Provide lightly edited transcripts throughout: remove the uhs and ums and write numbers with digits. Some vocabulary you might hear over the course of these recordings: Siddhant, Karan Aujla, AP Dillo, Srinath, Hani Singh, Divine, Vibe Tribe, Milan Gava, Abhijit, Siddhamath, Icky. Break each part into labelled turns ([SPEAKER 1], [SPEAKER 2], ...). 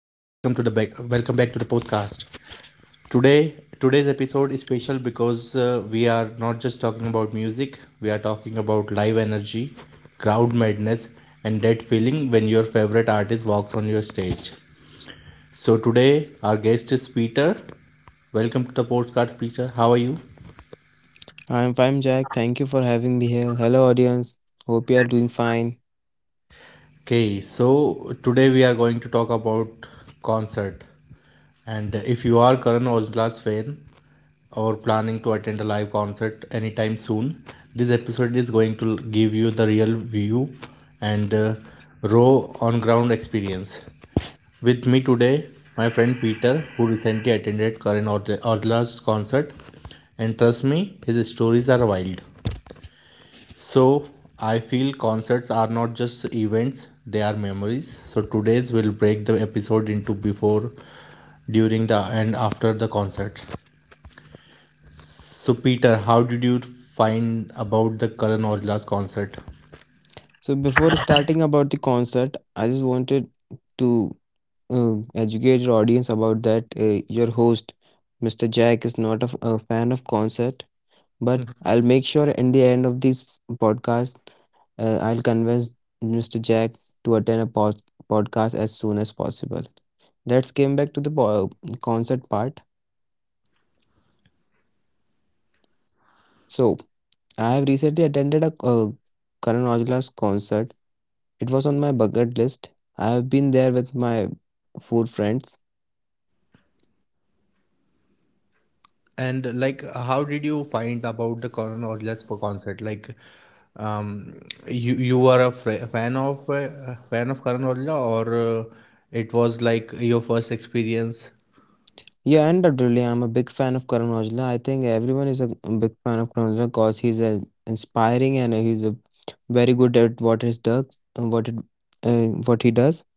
[SPEAKER 1] welcome back to the podcast. Today, today's episode is special because we are not just talking about music, we are talking about live energy, crowd madness, and that feeling when your favorite artist walks on your stage. So today, our guest is Peter. Welcome to the podcast, Peter. How are you?
[SPEAKER 2] I'm fine, Jack. Thank you for having me here. Hello, audience. Hope you are doing fine.
[SPEAKER 1] Okay, so today we are going to talk about concert. And if you are Karan Ojla's fan, or planning to attend a live concert anytime soon, this episode is going to give you the real view and raw on ground experience. With me today, my friend Peter, who recently attended concert, and trust me, his stories are wild. So, I feel concerts are not just events, they are memories. So, today's will break the episode into before, and after the concert. So, Peter, how did you find about the Karan Aujla's concert?
[SPEAKER 2] So, before starting about the concert, I just wanted to educate your audience about that your host, Mr. Jack, is not a fan of concert, but I'll
[SPEAKER 1] Mhm.
[SPEAKER 2] make sure in the end of this podcast, I'll convince Mr. Jack to attend a podcast as soon as possible. Let's came back to the concert part. So, I have recently attended a Karan Aujla's concert. It was on my bucket list. I have been there with my four friends.
[SPEAKER 1] And like, how did you find about the Karan Aujla's for concert? Like, um, you you were a fr- fan of Karan Aujla, or it was like your first experience?
[SPEAKER 2] Yeah, and definitely, I'm a big fan of Karan Aujla. I think everyone is a big fan of Karan Aujla because he's a inspiring and he's a very good at what he does, what it, what he does.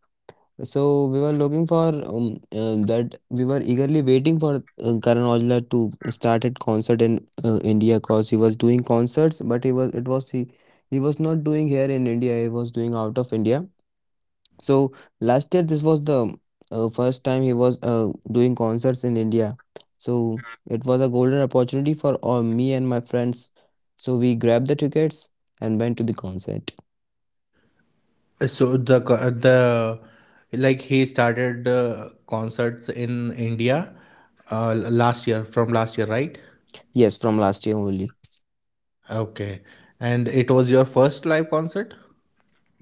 [SPEAKER 2] So we were looking for that. We were eagerly waiting for Karan Aujla to start at concert in India because he was doing concerts, but he was it was he was not doing here in India. He was doing out of India. So last year, this was the first time he was doing concerts in India. So it was a golden opportunity for all me and my friends. So we grabbed the tickets and went to the concert.
[SPEAKER 1] So the co- the like he started concerts in India uh, last year, right?
[SPEAKER 2] Yes, from last year only.
[SPEAKER 1] Okay, and it was your first live concert.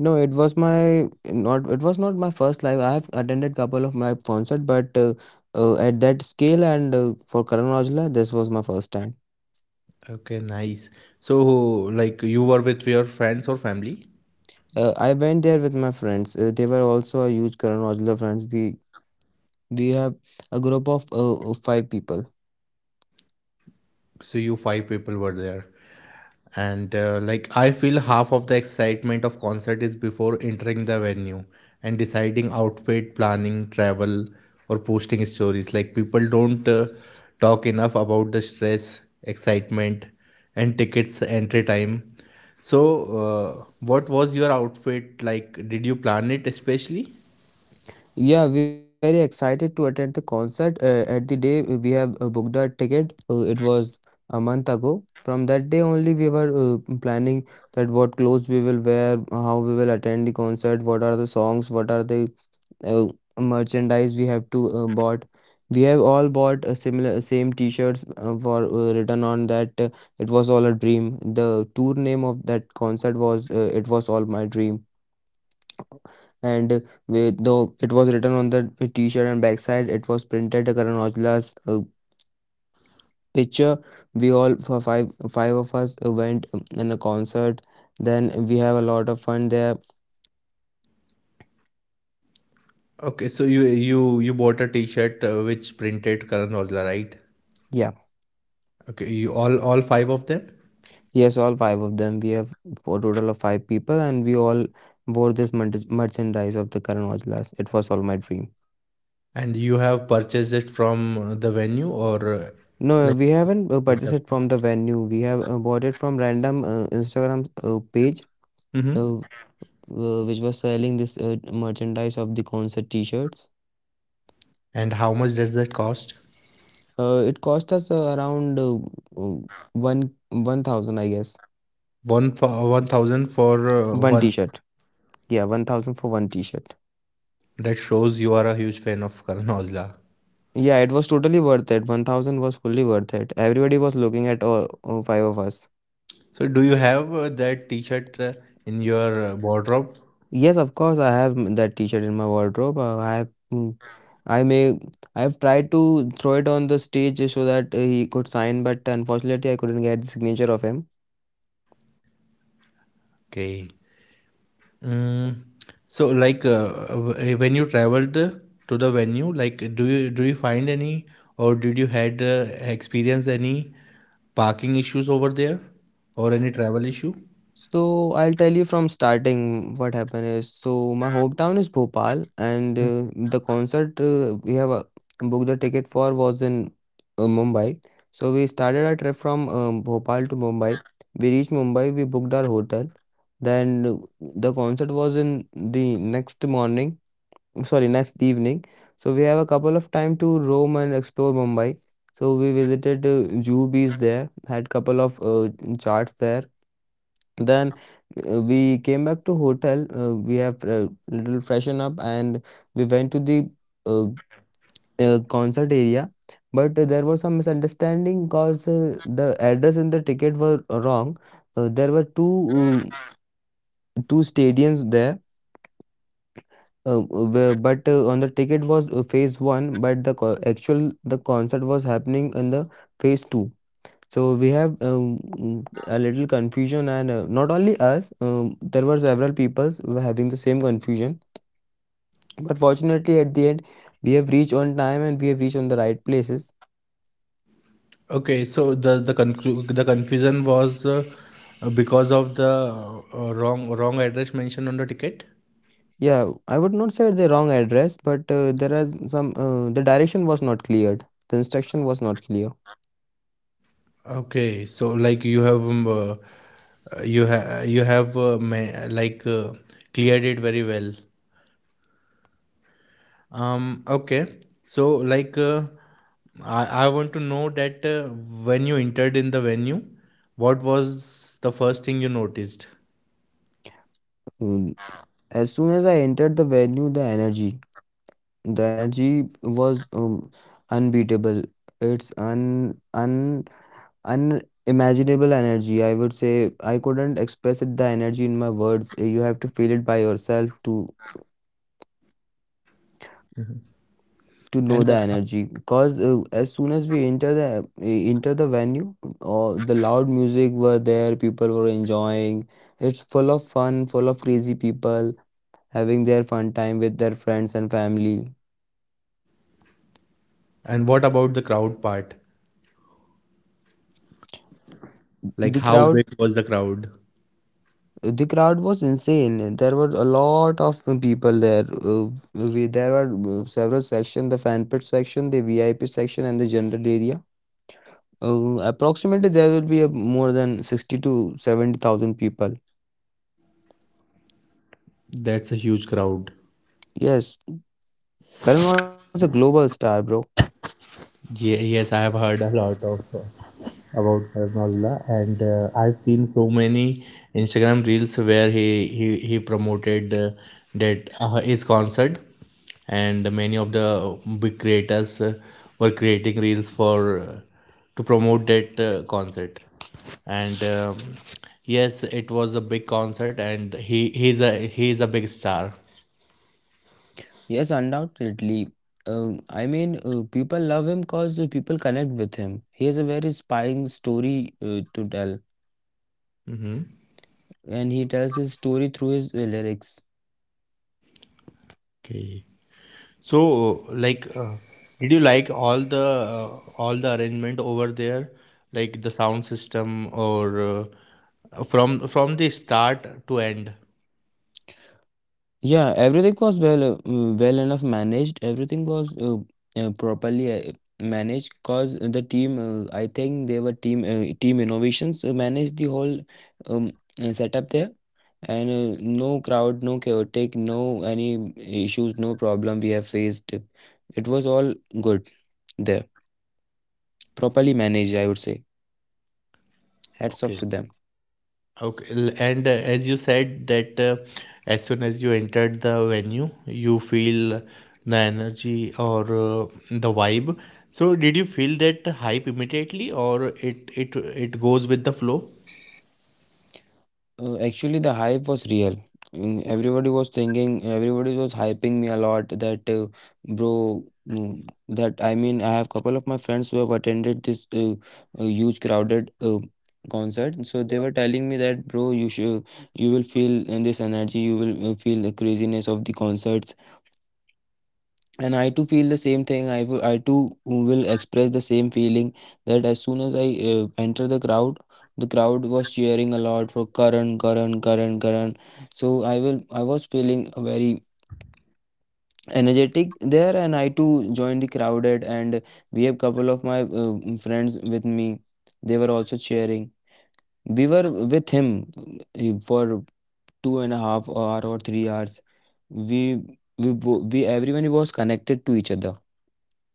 [SPEAKER 2] No, it was my not. It was not my first live. I have attended couple of live concert, but at that scale and for Karan Aujla, this was my first time.
[SPEAKER 1] Okay, nice. So, like, you were with your friends or family?
[SPEAKER 2] I went there with my friends. They were also a huge Karan Aujla fans. We have a group of five people.
[SPEAKER 1] So, you five people were there. And, like, I feel half of the excitement of concert is before entering the venue and deciding outfit, planning, travel, or posting stories. Like, people don't talk enough about the stress, excitement, and tickets entry time. So, what was your outfit like? Did you plan it especially?
[SPEAKER 2] Yeah, we were very excited to attend the concert. At the day we have booked our ticket, it was a month ago. From that day only, we were planning that what clothes we will wear, how we will attend the concert, what are the songs, what are the uh, merchandise we have to bought. We have all bought a similar same T-shirts for written on that it was all a dream. The tour name of that concert was it was all my dream, and though it was written on the t-shirt and backside it was printed Karan Aujla's picture. We all for five of us went in a concert. Then we have a lot of fun there.
[SPEAKER 1] Okay, so you bought a T-shirt which printed Karan Aujla, right?
[SPEAKER 2] Yeah.
[SPEAKER 1] Okay, you all five of them,
[SPEAKER 2] Yes, all five of them we have, for total of five people, and we all wore this merchandise of the Karan Aujla's. It was all my dream.
[SPEAKER 1] and you have purchased it from the venue or
[SPEAKER 2] No,
[SPEAKER 1] like.
[SPEAKER 2] we haven't purchased it from the venue. We have bought it from random Instagram page. Uh,
[SPEAKER 1] Mm-hmm.
[SPEAKER 2] which was selling this merchandise of the concert t-shirts.
[SPEAKER 1] And how much does that cost?
[SPEAKER 2] It cost us around uh, one 1,000, I guess.
[SPEAKER 1] One for 1,000 for
[SPEAKER 2] One
[SPEAKER 1] one.
[SPEAKER 2] t-shirt. Yeah, 1,000 for one t-shirt.
[SPEAKER 1] That shows you are a huge fan of Karan Aujla.
[SPEAKER 2] Yeah, it was totally worth it. 1,000 was fully worth it. Everybody was looking at all five of us.
[SPEAKER 1] So do you have that T-shirt in your wardrobe?
[SPEAKER 2] Yes, of course, I have that t-shirt in my wardrobe. I have, mm, I may, I have tried to throw it on the stage so that he could sign, but unfortunately, I couldn't get the signature of him.
[SPEAKER 1] Okay. Mm, so like when you traveled to the venue, like, do you find any, or did you had experience any parking issues over there, or any travel issue?
[SPEAKER 2] So I'll tell you from starting what happened is so my hometown is Bhopal and the concert we have booked the ticket for was in Mumbai. So we started our trip from Bhopal to Mumbai. We reached Mumbai, we booked our hotel. Then the concert was in the next morning, sorry, next evening. So we have a couple of time to roam and explore Mumbai. So we visited Juhu Beach there, had couple of charts there. Then we came back to hotel. We have little freshen up and we went to the uh, concert area. But there was some misunderstanding because the address in the ticket were wrong. There were two stadiums there, but on the ticket was phase one, but the actual the concert was happening in the phase two. So we have a little confusion, and not only us, there were several people were having the same confusion. But fortunately, at the end, we have reached on time and we have reached on the right places.
[SPEAKER 1] Okay, so the confusion was because of the wrong address mentioned on the ticket?
[SPEAKER 2] Yeah, I would not say the wrong address, but there are some the direction was not cleared. The instruction was not clear.
[SPEAKER 1] Okay, so like you have you have you have cleared it very well. Okay. So, like, I want to know that when you entered in the venue, what was the first thing you noticed?
[SPEAKER 2] Um, as soon as I entered the venue, the energy. The energy was unbeatable. It's un un unimaginable energy. I would say I couldn't express it the energy in my words. You have to feel it by yourself to know the
[SPEAKER 1] And uh,
[SPEAKER 2] energy. Because as soon as we enter the venue, the loud music were there. People were enjoying. It's full of fun, full of crazy people having their fun time with their friends and family.
[SPEAKER 1] and what about the crowd part?
[SPEAKER 2] the
[SPEAKER 1] Like, how
[SPEAKER 2] crowd
[SPEAKER 1] big was the crowd?
[SPEAKER 2] The crowd was insane. There were a lot of people there. There were several sections, the fan pit section, the VIP section, and the general area. Approximately, there will be more than 60 to 70,000 people.
[SPEAKER 1] That's a huge crowd.
[SPEAKER 2] Yes, Karan Aujla is a global star, bro.
[SPEAKER 1] Yeah, yes, I have heard a lot of about Karan, and I've seen so many Instagram reels where he promoted that his concert, and many of the big creators were creating reels for to promote that concert, and yes, it was a big concert, and he's a big star.
[SPEAKER 2] Yes, undoubtedly. I mean, people love him because people connect with him. He has a very inspiring story to tell,
[SPEAKER 1] Mm-hmm.
[SPEAKER 2] and he tells his story through his lyrics.
[SPEAKER 1] Okay. So, like, did you like uh, all the arrangement over there, like the sound system, or from the start to end?
[SPEAKER 2] Yeah, everything was well enough managed. Everything was properly managed because the team, I think they were team innovations managed the whole um, setup there, and no crowd, no chaotic, no any issues, no problem we have faced. It was all good there, properly managed, I would say. Hats off
[SPEAKER 1] Okay.
[SPEAKER 2] to them.
[SPEAKER 1] And as you said that as soon as you entered the venue, you feel the energy or the vibe. So, did you feel that hype immediately, or it goes with the flow,
[SPEAKER 2] Actually, the hype was real. Everybody was thinking, everybody was hyping me a lot that, bro, mm, that I mean, I have couple of my friends who have attended this huge crowded concert. So they were telling me that, bro, you will feel in this energy, you will feel the craziness of the concert. And I too feel the same thing. I too will express the same feeling that as soon as I enter the crowd was cheering a lot for Karan, Karan, Karan, Karan. So I was feeling very energetic there, and I too joined the crowded. And we have couple of my friends with me. They were also cheering. We were with him for 2.5 hour or 3 hours. We we wo- we everyone was connected to each other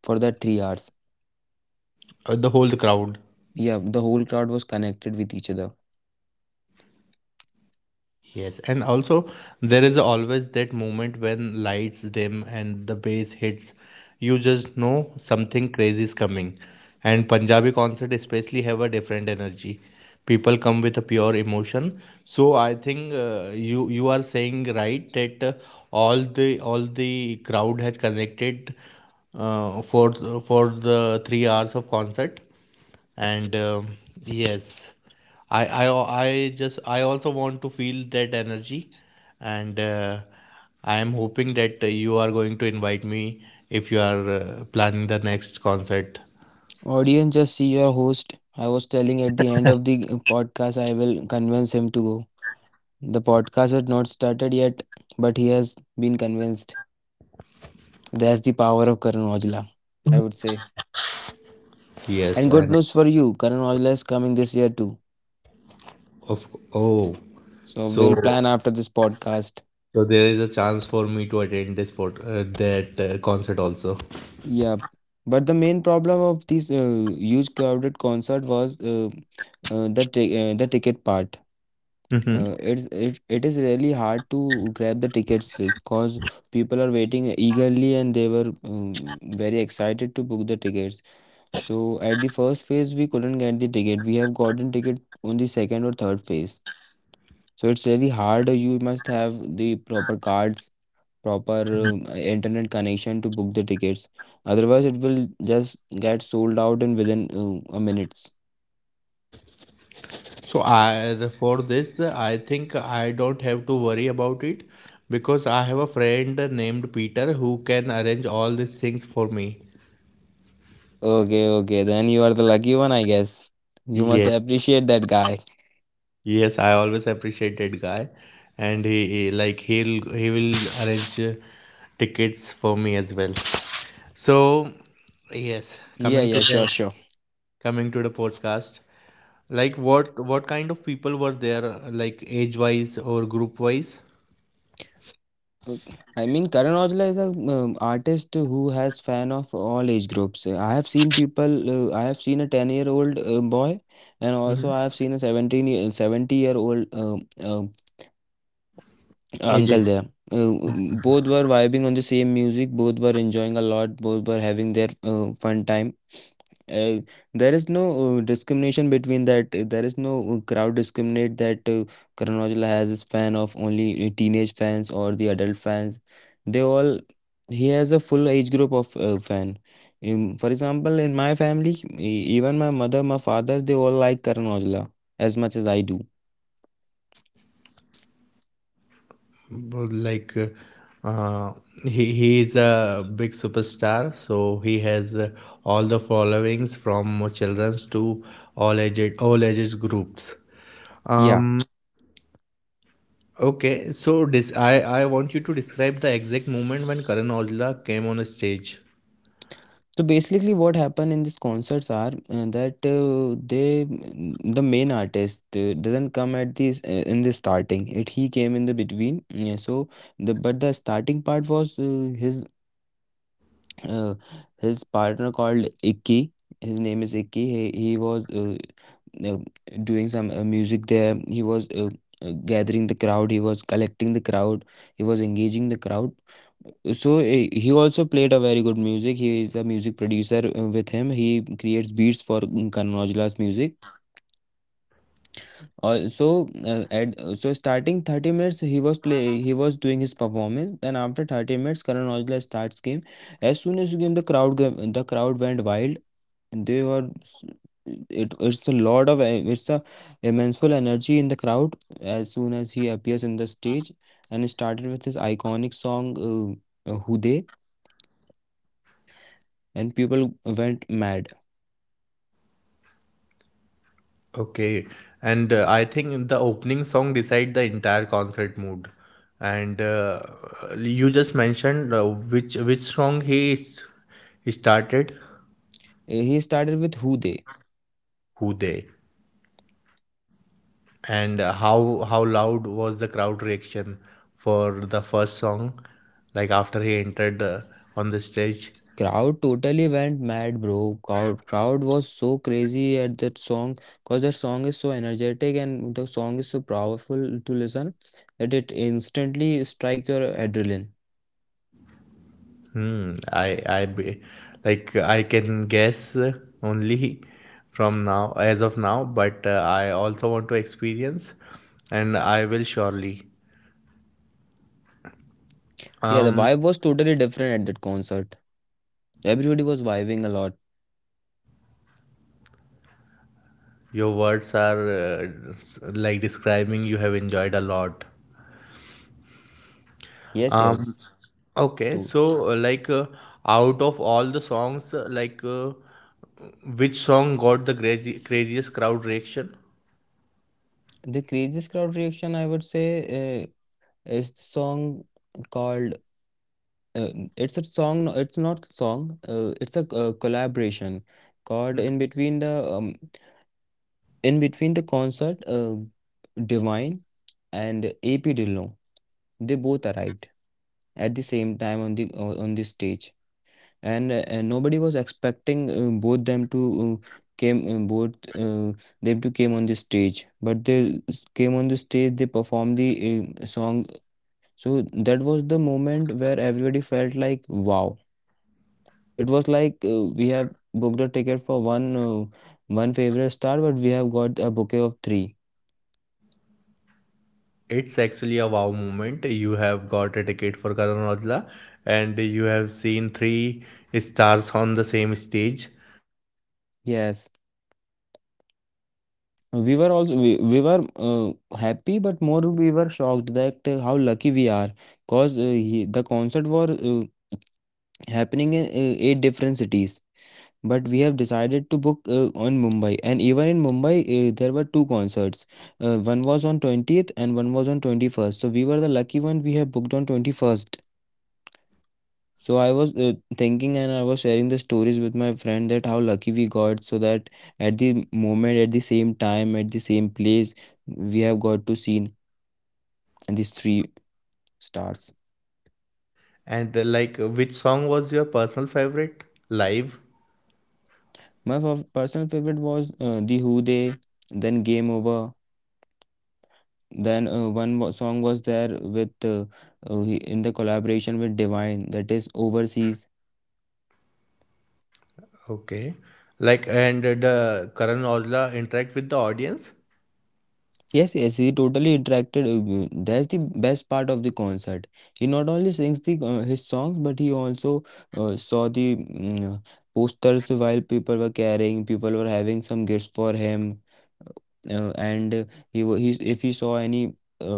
[SPEAKER 2] for that 3 hours.
[SPEAKER 1] the whole crowd?
[SPEAKER 2] Yeah, the whole crowd was connected with each other.
[SPEAKER 1] Yes, and also there is always that moment when lights dim and the bass hits. You just know something crazy is coming. And Punjabi concert especially have a different energy. People come with a pure emotion. So I think you you are saying right that all the crowd has connected uh, for for the 3 hours of concert, and yes, I, I I just I also want to feel that energy, and I am hoping that you are going to invite me if you are planning the next concert.
[SPEAKER 2] Audience, just see your host. I was telling at the end of the podcast, I will convince him to go. The podcast had not started yet, but he has been convinced. That's the power of Karan Aujla, I would say.
[SPEAKER 1] Yes
[SPEAKER 2] And good
[SPEAKER 1] and
[SPEAKER 2] news for you, Karan Aujla is coming this year too.
[SPEAKER 1] of oh
[SPEAKER 2] So we'll
[SPEAKER 1] So,
[SPEAKER 2] plan after this podcast.
[SPEAKER 1] so there is a chance for me to attend that concert also?
[SPEAKER 2] Yeah, but the main problem of this huge crowded concert was the ticket part. Uh, it's it, it is really hard to grab the tickets because people are waiting eagerly and they were very excited to book the tickets. So at the first phase we couldn't get the ticket. We have gotten ticket on the second or third phase. So it's really hard. You must have the proper cards, proper internet connection to book the tickets. Otherwise it will just get sold out in within a minutes.
[SPEAKER 1] So, I for this I think I don't have to worry about it because I have a friend named Peter who can arrange all these things for me.
[SPEAKER 2] Okay, okay, then you are the lucky one, I guess. You must
[SPEAKER 1] Yes,
[SPEAKER 2] appreciate that guy.
[SPEAKER 1] yes, I always appreciate that guy, and he like he'll he will arrange tickets for me as well. So yes,
[SPEAKER 2] Yeah, yeah, sure, sure.
[SPEAKER 1] coming to the podcast, like what kind of people were there, like age wise or group wise?
[SPEAKER 2] Okay. I mean, Karan Aujla is a artist who has fan of all age groups. I have seen people. I have seen a 10-year-old old boy, and also
[SPEAKER 1] Mm-hmm.
[SPEAKER 2] I have seen a 17 year, 70 year old uncle
[SPEAKER 1] Aged.
[SPEAKER 2] there. Uh, Both were vibing on the same music. Both were enjoying a lot. Both were having their fun time. Uh, there is no discrimination between that. There is no crowd discriminate that Karan Aujla has his fan of only teenage fans or the adult fans. They all he has a full age group of fan. For example, in my family, even my mother, my father, they all like Karan Aujla as much as I do.
[SPEAKER 1] But like uh, he is a big superstar, so he has all the followings from children's to all ages groups.
[SPEAKER 2] Yeah.
[SPEAKER 1] um okay, so this, I want you to describe the exact moment when karan aujla came on stage.
[SPEAKER 2] So basically, what happened in these concerts are that they the main artist doesn't come at this in the starting. It He came in the between. Yeah, so the starting part was his uh, partner called Icky. His name is Icky. He was uh, doing some music there. He was gathering the crowd, he was collecting the crowd, he was engaging the crowd. So he also played a very good music. He is a music producer with him. He creates beats for Karan Aujla's music. Also, at so starting 30 minutes he was play he was doing his performance. Then after 30 minutes, Karan Aujla starts game. As soon as he came, the crowd went wild. They were s- it it's a lot of e- it's a immense energy in the crowd as soon as he appears in the stage and started with his iconic song Who They, and people went mad.
[SPEAKER 1] Okay, and I think the opening song decide the entire concert mood, and you just mentioned which started.
[SPEAKER 2] He started with Who They.
[SPEAKER 1] Who they? And how loud was the crowd reaction for the first song? Like after he entered on the stage?
[SPEAKER 2] Crowd totally went mad, bro. Crowd was so crazy at that song because that song is so energetic and the song is so powerful to listen that it instantly strike your adrenaline.
[SPEAKER 1] hmm, I I be, like I can guess only from now, as of now, but I also want to experience, and I will surely.
[SPEAKER 2] Yeah, the vibe
[SPEAKER 1] Um,
[SPEAKER 2] was totally different at that concert. Everybody was vibing a lot.
[SPEAKER 1] your words are like describing you have enjoyed a lot.
[SPEAKER 2] Yes, yes,
[SPEAKER 1] Um, okay,
[SPEAKER 2] too.
[SPEAKER 1] so uh, like uh, out of all the songs, which song got the craziest crowd reaction?
[SPEAKER 2] The craziest crowd reaction, I would say, uh, is the song called. Uh, it's a song. No, it's not song. It's a collaboration called in between the concert. Divine and AP Dillo. They both arrived at the same time on the stage. And nobody was expecting both them to uh, came uh, both uh, came on the stage but they s- came on the stage they performed the song. So that was the moment where everybody felt like, wow, it was like, we have booked a ticket for one one favorite star, but we have got a bouquet of three.
[SPEAKER 1] It's actually a wow moment. You have got a ticket for Karan Aujla, and you have seen three stars on the same stage. So,
[SPEAKER 2] Yes,
[SPEAKER 1] yeah, it's a very good.
[SPEAKER 2] we were also we were happy, but more we were shocked that how lucky we are, because the concert was happening in eight different cities, but we have decided to book on Mumbai, and even in Mumbai there were two concerts. One was on 20th and one was on 21st, so we were the lucky one, we have booked on 21st. So I was thinking and I was sharing the stories with my friend that how lucky we got, so that at the moment, at the same time, at the same place, we have got to see these three stars.
[SPEAKER 1] And like, which song was your personal favorite live?
[SPEAKER 2] My personal favorite was the Who They, then Game Over. Then one song was there with in the collaboration with Divine, that is Overseas.
[SPEAKER 1] Okay. Like, and the Karan Aujla interact with the audience?
[SPEAKER 2] Yes, yes, he totally interacted. That's the best part of the concert. He not only sings the his songs, but he also saw the posters while people were carrying, people were having some gifts for him, and he wa- he if he saw any. Uh,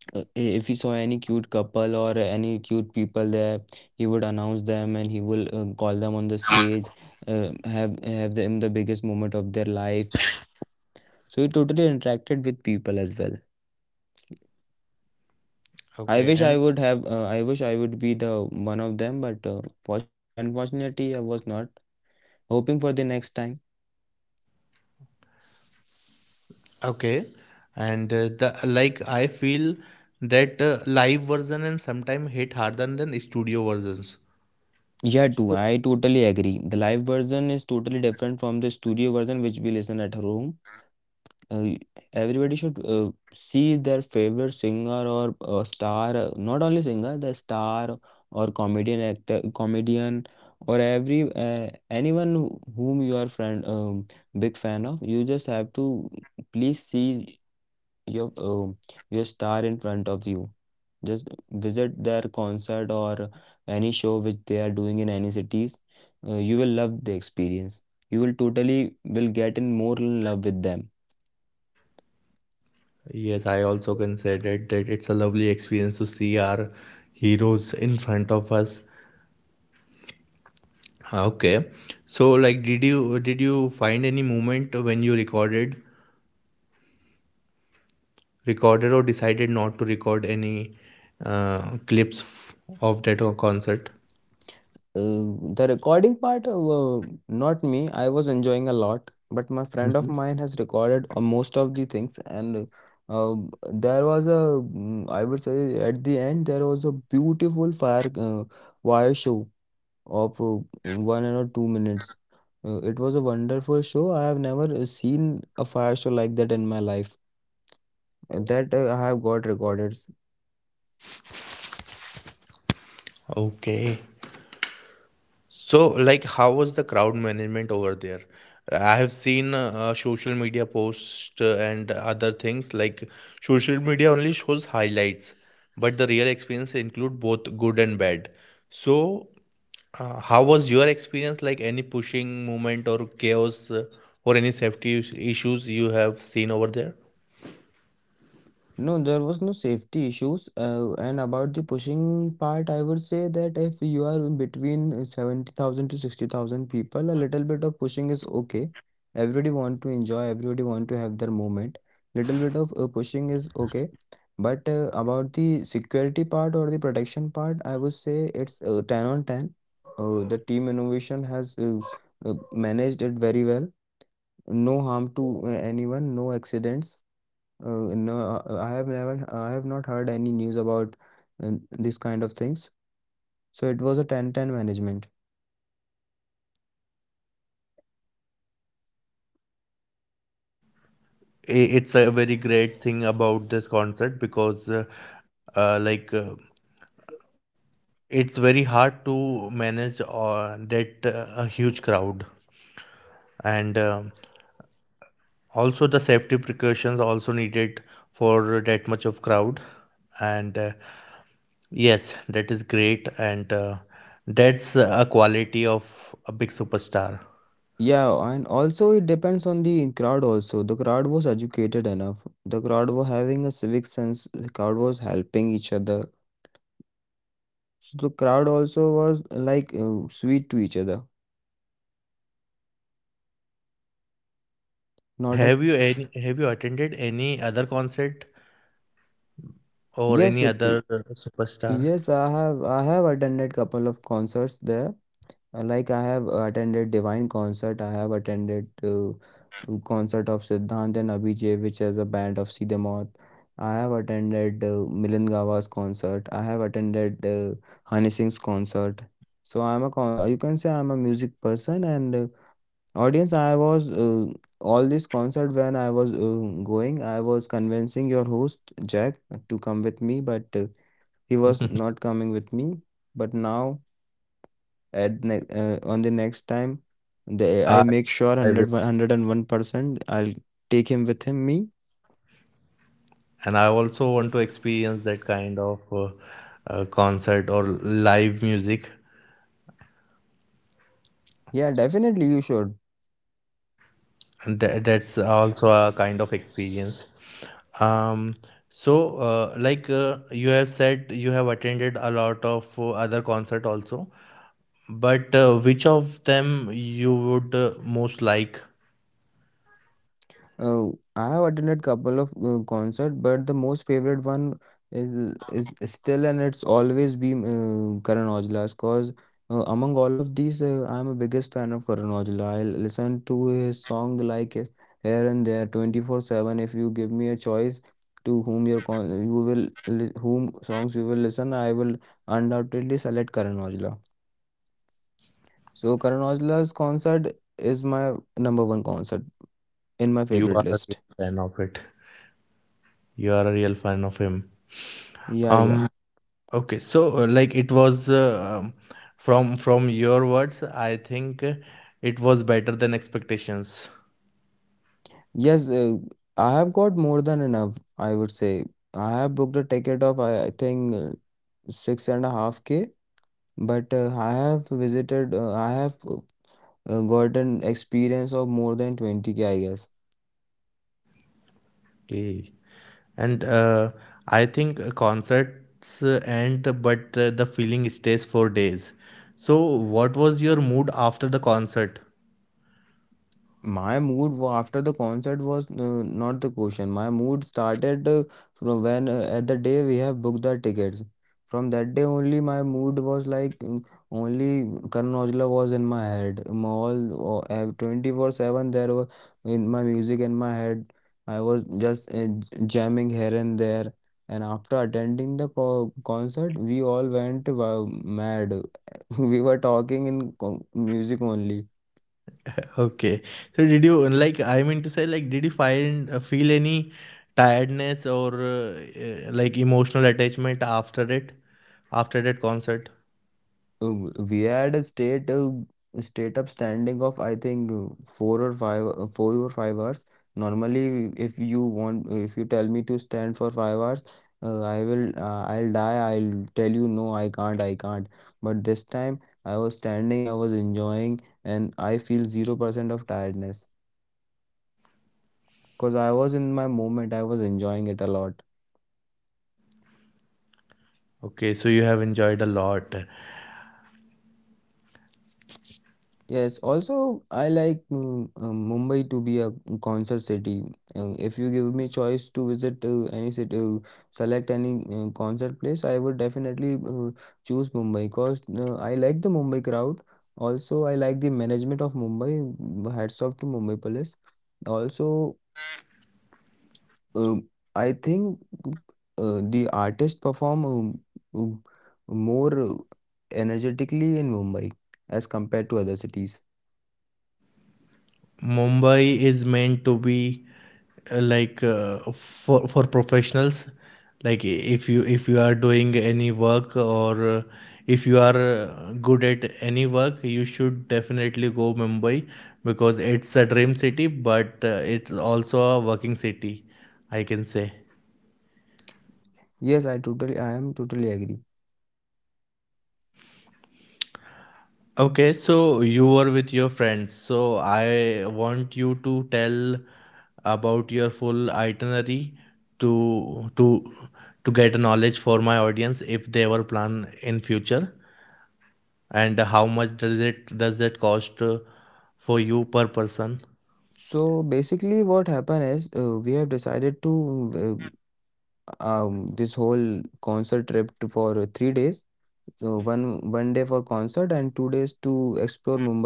[SPEAKER 2] if he saw any cute couple or any cute people there, he would announce them and he will call them on the stage, have them the biggest moment of their life. So he totally interacted with people as well.
[SPEAKER 1] Okay. And
[SPEAKER 2] I wish I would be the one of them, but fortunately unfortunately I was not. Hoping for the next time.
[SPEAKER 1] okay, and the like I feel that live version and sometimes hit harder than studio versions.
[SPEAKER 2] Yeah, too, I totally agree. The live version is totally different from the studio version which we listen at home. uh, Everybody should see their favorite singer or star, not only singer, the star, or comedian, actor, comedian, or every anyone whom you are friend, big fan of. You just have to please see your um your star in front of you, just visit their concert or any show which they are doing in any cities. You will love the experience, you will totally will get in more in love with them.
[SPEAKER 1] Yes, I also considered that it's a lovely experience to see our heroes in front of us. Okay, so like, did you find any moment when you recorded recorded or decided not to record any of that concert?
[SPEAKER 2] The recording part, not me. I was enjoying a lot, but my friend of mine has recorded most of the things, and there was a, I would say, at the end there was a beautiful fire wire show of 1 or 2 minutes. It was a wonderful show. I have never seen a fire show like that in my life. And that, I have got recorded.
[SPEAKER 1] Okay, so, like, how was the crowd management over there? I have seen social media posts and other things. Like, social media only shows highlights, but the real experience include both good and bad. So, how was your experience? Like, any pushing movement or chaos or any issues you have seen over there?
[SPEAKER 2] No, there was no safety issues. And about the pushing part, I would say that if you are between 70,000 to 60,000 people, a little bit of pushing is okay. Everybody want to enjoy, everybody want to have their moment. Little bit of pushing is okay. But about the security part or the protection part, I would say it's 10 on 10. The team innovation has managed it very well. No harm to anyone, no accidents, no, I have not heard any news about this kind of things. So it was a ten ten management.
[SPEAKER 1] It's a very great thing about this concert, because, uh, like. Uh, it's very hard to manage that huge crowd, and also the safety precautions also needed for that much of crowd, and yes, that is great, and that's a quality of a big superstar.
[SPEAKER 2] Yeah, and also it depends on the crowd also. The crowd was educated enough. The crowd was having a civic sense. The crowd was helping each other. So the crowd also was like sweet to each other.
[SPEAKER 1] So
[SPEAKER 2] Not a
[SPEAKER 1] have you attended any other concert or any
[SPEAKER 2] Yes,
[SPEAKER 1] other superstar?
[SPEAKER 2] yes. I have attended couple of concerts there. Like I have attended Divine concert, I have attended concert of Siddhant and Abhijit, which is a band of Siddhamath. I have attended Milan Gava's concert. I have attended Hani Singh's concert. So I'm a con You can say I'm a music person and audience. I was all this concert when I was going. I was convincing your host Jack to come with me, but he was not coming with me. But now on the next time the I
[SPEAKER 1] I,
[SPEAKER 2] make sure one
[SPEAKER 1] I
[SPEAKER 2] hundred
[SPEAKER 1] will,
[SPEAKER 2] one hundred and one percent I'll take him with him me.
[SPEAKER 1] and I also want to experience that kind of concert or live music,
[SPEAKER 2] Yeah, definitely you should.
[SPEAKER 1] and that's also a kind of experience. um so you have said you have attended a lot of other concert also, but which of them you would most like?
[SPEAKER 2] Uh, I have attended couple of concert, but the most favorite one is is still and it's always been Karan Aujla's. Cause among all of these, I'm a biggest fan of Karan Aujla. I listen to his song like his here and there, 24/7. If you give me a choice to whom songs you will listen, I will undoubtedly select Karan Aujla. So Karan Aujla's concert is my number one concert in my
[SPEAKER 1] you
[SPEAKER 2] favorite
[SPEAKER 1] are a
[SPEAKER 2] list.
[SPEAKER 1] real fan of it you are a real fan of him.
[SPEAKER 2] Yeah, yeah.
[SPEAKER 1] um Okay, so like it was from your words, I think it was better than expectations.
[SPEAKER 2] Yes, I have got more than enough, I would say. I have booked a ticket of, I think, 6.5K, but I have gotten experience of more than 20K, I guess.
[SPEAKER 1] Okay, and I think concerts end, but the feeling stays for days. So, what was your mood after the concert?
[SPEAKER 2] My mood after the concert was not the question. My mood started from when at the day we have booked the tickets. From that day only, my mood was like, only Karan Aujla was in my head. All, 24/7, there was in my music in my head. I was just jamming here and there. And after attending the co concert, we all went wow, mad. We were talking in co music only.
[SPEAKER 1] Okay, so did you like? I mean to say, like, did you find feel any tiredness or like emotional attachment after that concert?
[SPEAKER 2] Uh, we had a state state up standing of, I think, 4 or 5 hours. Normally, if you tell me to stand for 5 hours, I'll die. I'll tell you no, I can't, I can't. But this time I was standing, I was enjoying, and I feel 0% of tiredness because I was in my moment. I was enjoying it a lot.
[SPEAKER 1] Okay, so you have enjoyed a lot.
[SPEAKER 2] Yes, also I like Mumbai to be a concert city. If you give me choice to visit any city, select any concert place, I would definitely choose Mumbai because I like the Mumbai crowd. Also, I like the management of Mumbai. Hats off to Mumbai Police. Also, um, I think the artists perform um, more energetically in Mumbai as compared to other cities.
[SPEAKER 1] Mumbai is meant to be for professionals. Like if you are doing any work, or if you are good at any work, you should definitely go Mumbai, because it's a dream city, but it's also a working city, I can say.
[SPEAKER 2] Yes, I am totally agree.
[SPEAKER 1] Okay, so you were with your friends. So I want you to tell about your full itinerary to to to get knowledge for my audience if they ever plan in future, and how much does it cost for you per person?
[SPEAKER 2] So basically, what happened is we have decided to this whole concert trip for 3 days. So one day for concert and 2 days to explore Mumbai.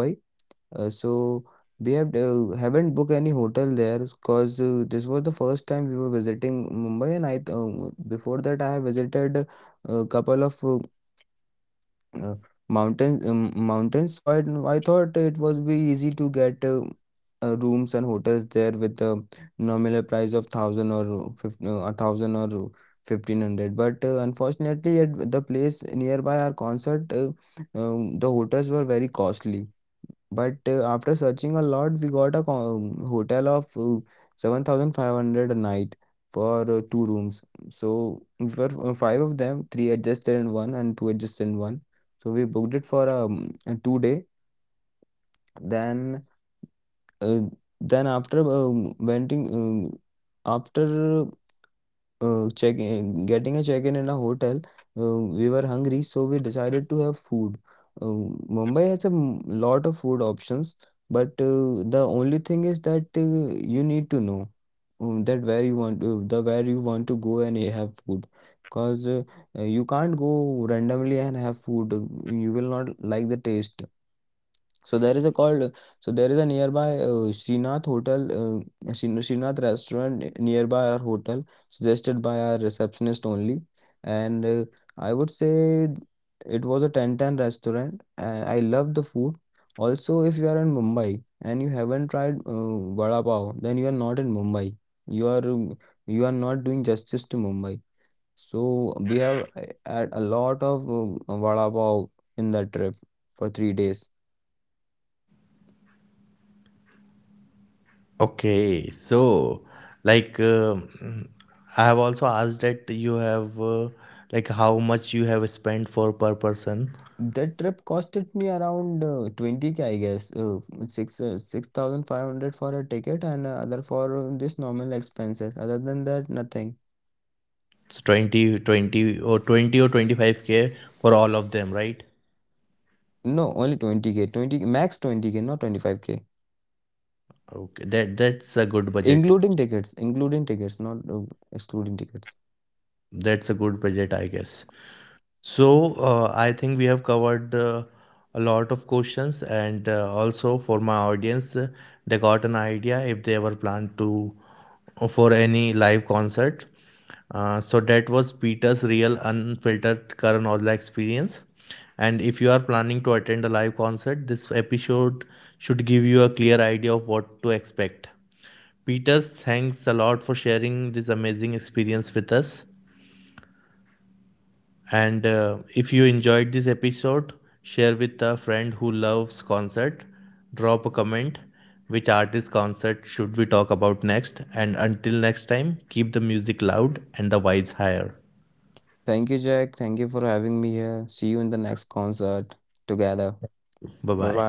[SPEAKER 2] So we have haven't booked any hotel there because this was the first time we were visiting Mumbai, and before that I have visited a couple of Uh, mountains so I thought it was be easy to get rooms and hotels there with a nominal price of thousand or fifteen 1,000 or 1,500, but unfortunately at the place nearby our concert, the hotels were very costly. But after searching a lot, we got a hotel of 7,500 a night for two rooms. So we were, five of them, three adjusted in one and two adjusted in one. So we booked it for a 2 day. Then uh, after renting after getting a check-in in a hotel, we were hungry, so we decided to have food. Uh, Mumbai has a lot of food options, but the only thing is that you need to know that where you want to, the where you want to go and have food. Because you can't go randomly and have food. You will not like the taste. So there is a called so there is a nearby Srinath Srinath restaurant nearby our hotel, suggested by our receptionist only. And I would say it was a ten ten restaurant and I love the food. Also, if you are in Mumbai and you haven't tried vada pav, then you are not in Mumbai. you are um, you are not doing justice to Mumbai. So we have had a lot of vada pav in that trip for 3 days.
[SPEAKER 1] Okay, so like I have also asked that you have like how much you have spent for per person.
[SPEAKER 2] That trip costed me around 20K, I guess. Six 6,500 for a ticket and other for this normal expenses. Other than that, nothing.
[SPEAKER 1] So 20, 20 or 20 or 25K for all of them, right?
[SPEAKER 2] No, only 20K, 20 max 20K, not 25K,
[SPEAKER 1] Okay, that that's a good budget.
[SPEAKER 2] including tickets, not excluding tickets.
[SPEAKER 1] That's a good budget, I guess. So, I think we have covered a lot of questions, and also for my audience, they got an idea if they ever plan to for any live concert. So that was Peter's real unfiltered Karan Aujla experience. And if you are planning to attend a live concert, this episode should give you a clear idea of what to expect. Peter, thanks a lot for sharing this amazing experience with us. And if you enjoyed this episode, share with a friend who loves concert. Drop a comment which artist concert should we talk about next, and until next time, keep the music loud and the vibes higher.
[SPEAKER 2] Thank you, Jack. Thank you for having me here. See you in the next concert together.
[SPEAKER 1] Bye
[SPEAKER 2] Bye
[SPEAKER 1] bye.
[SPEAKER 2] bye.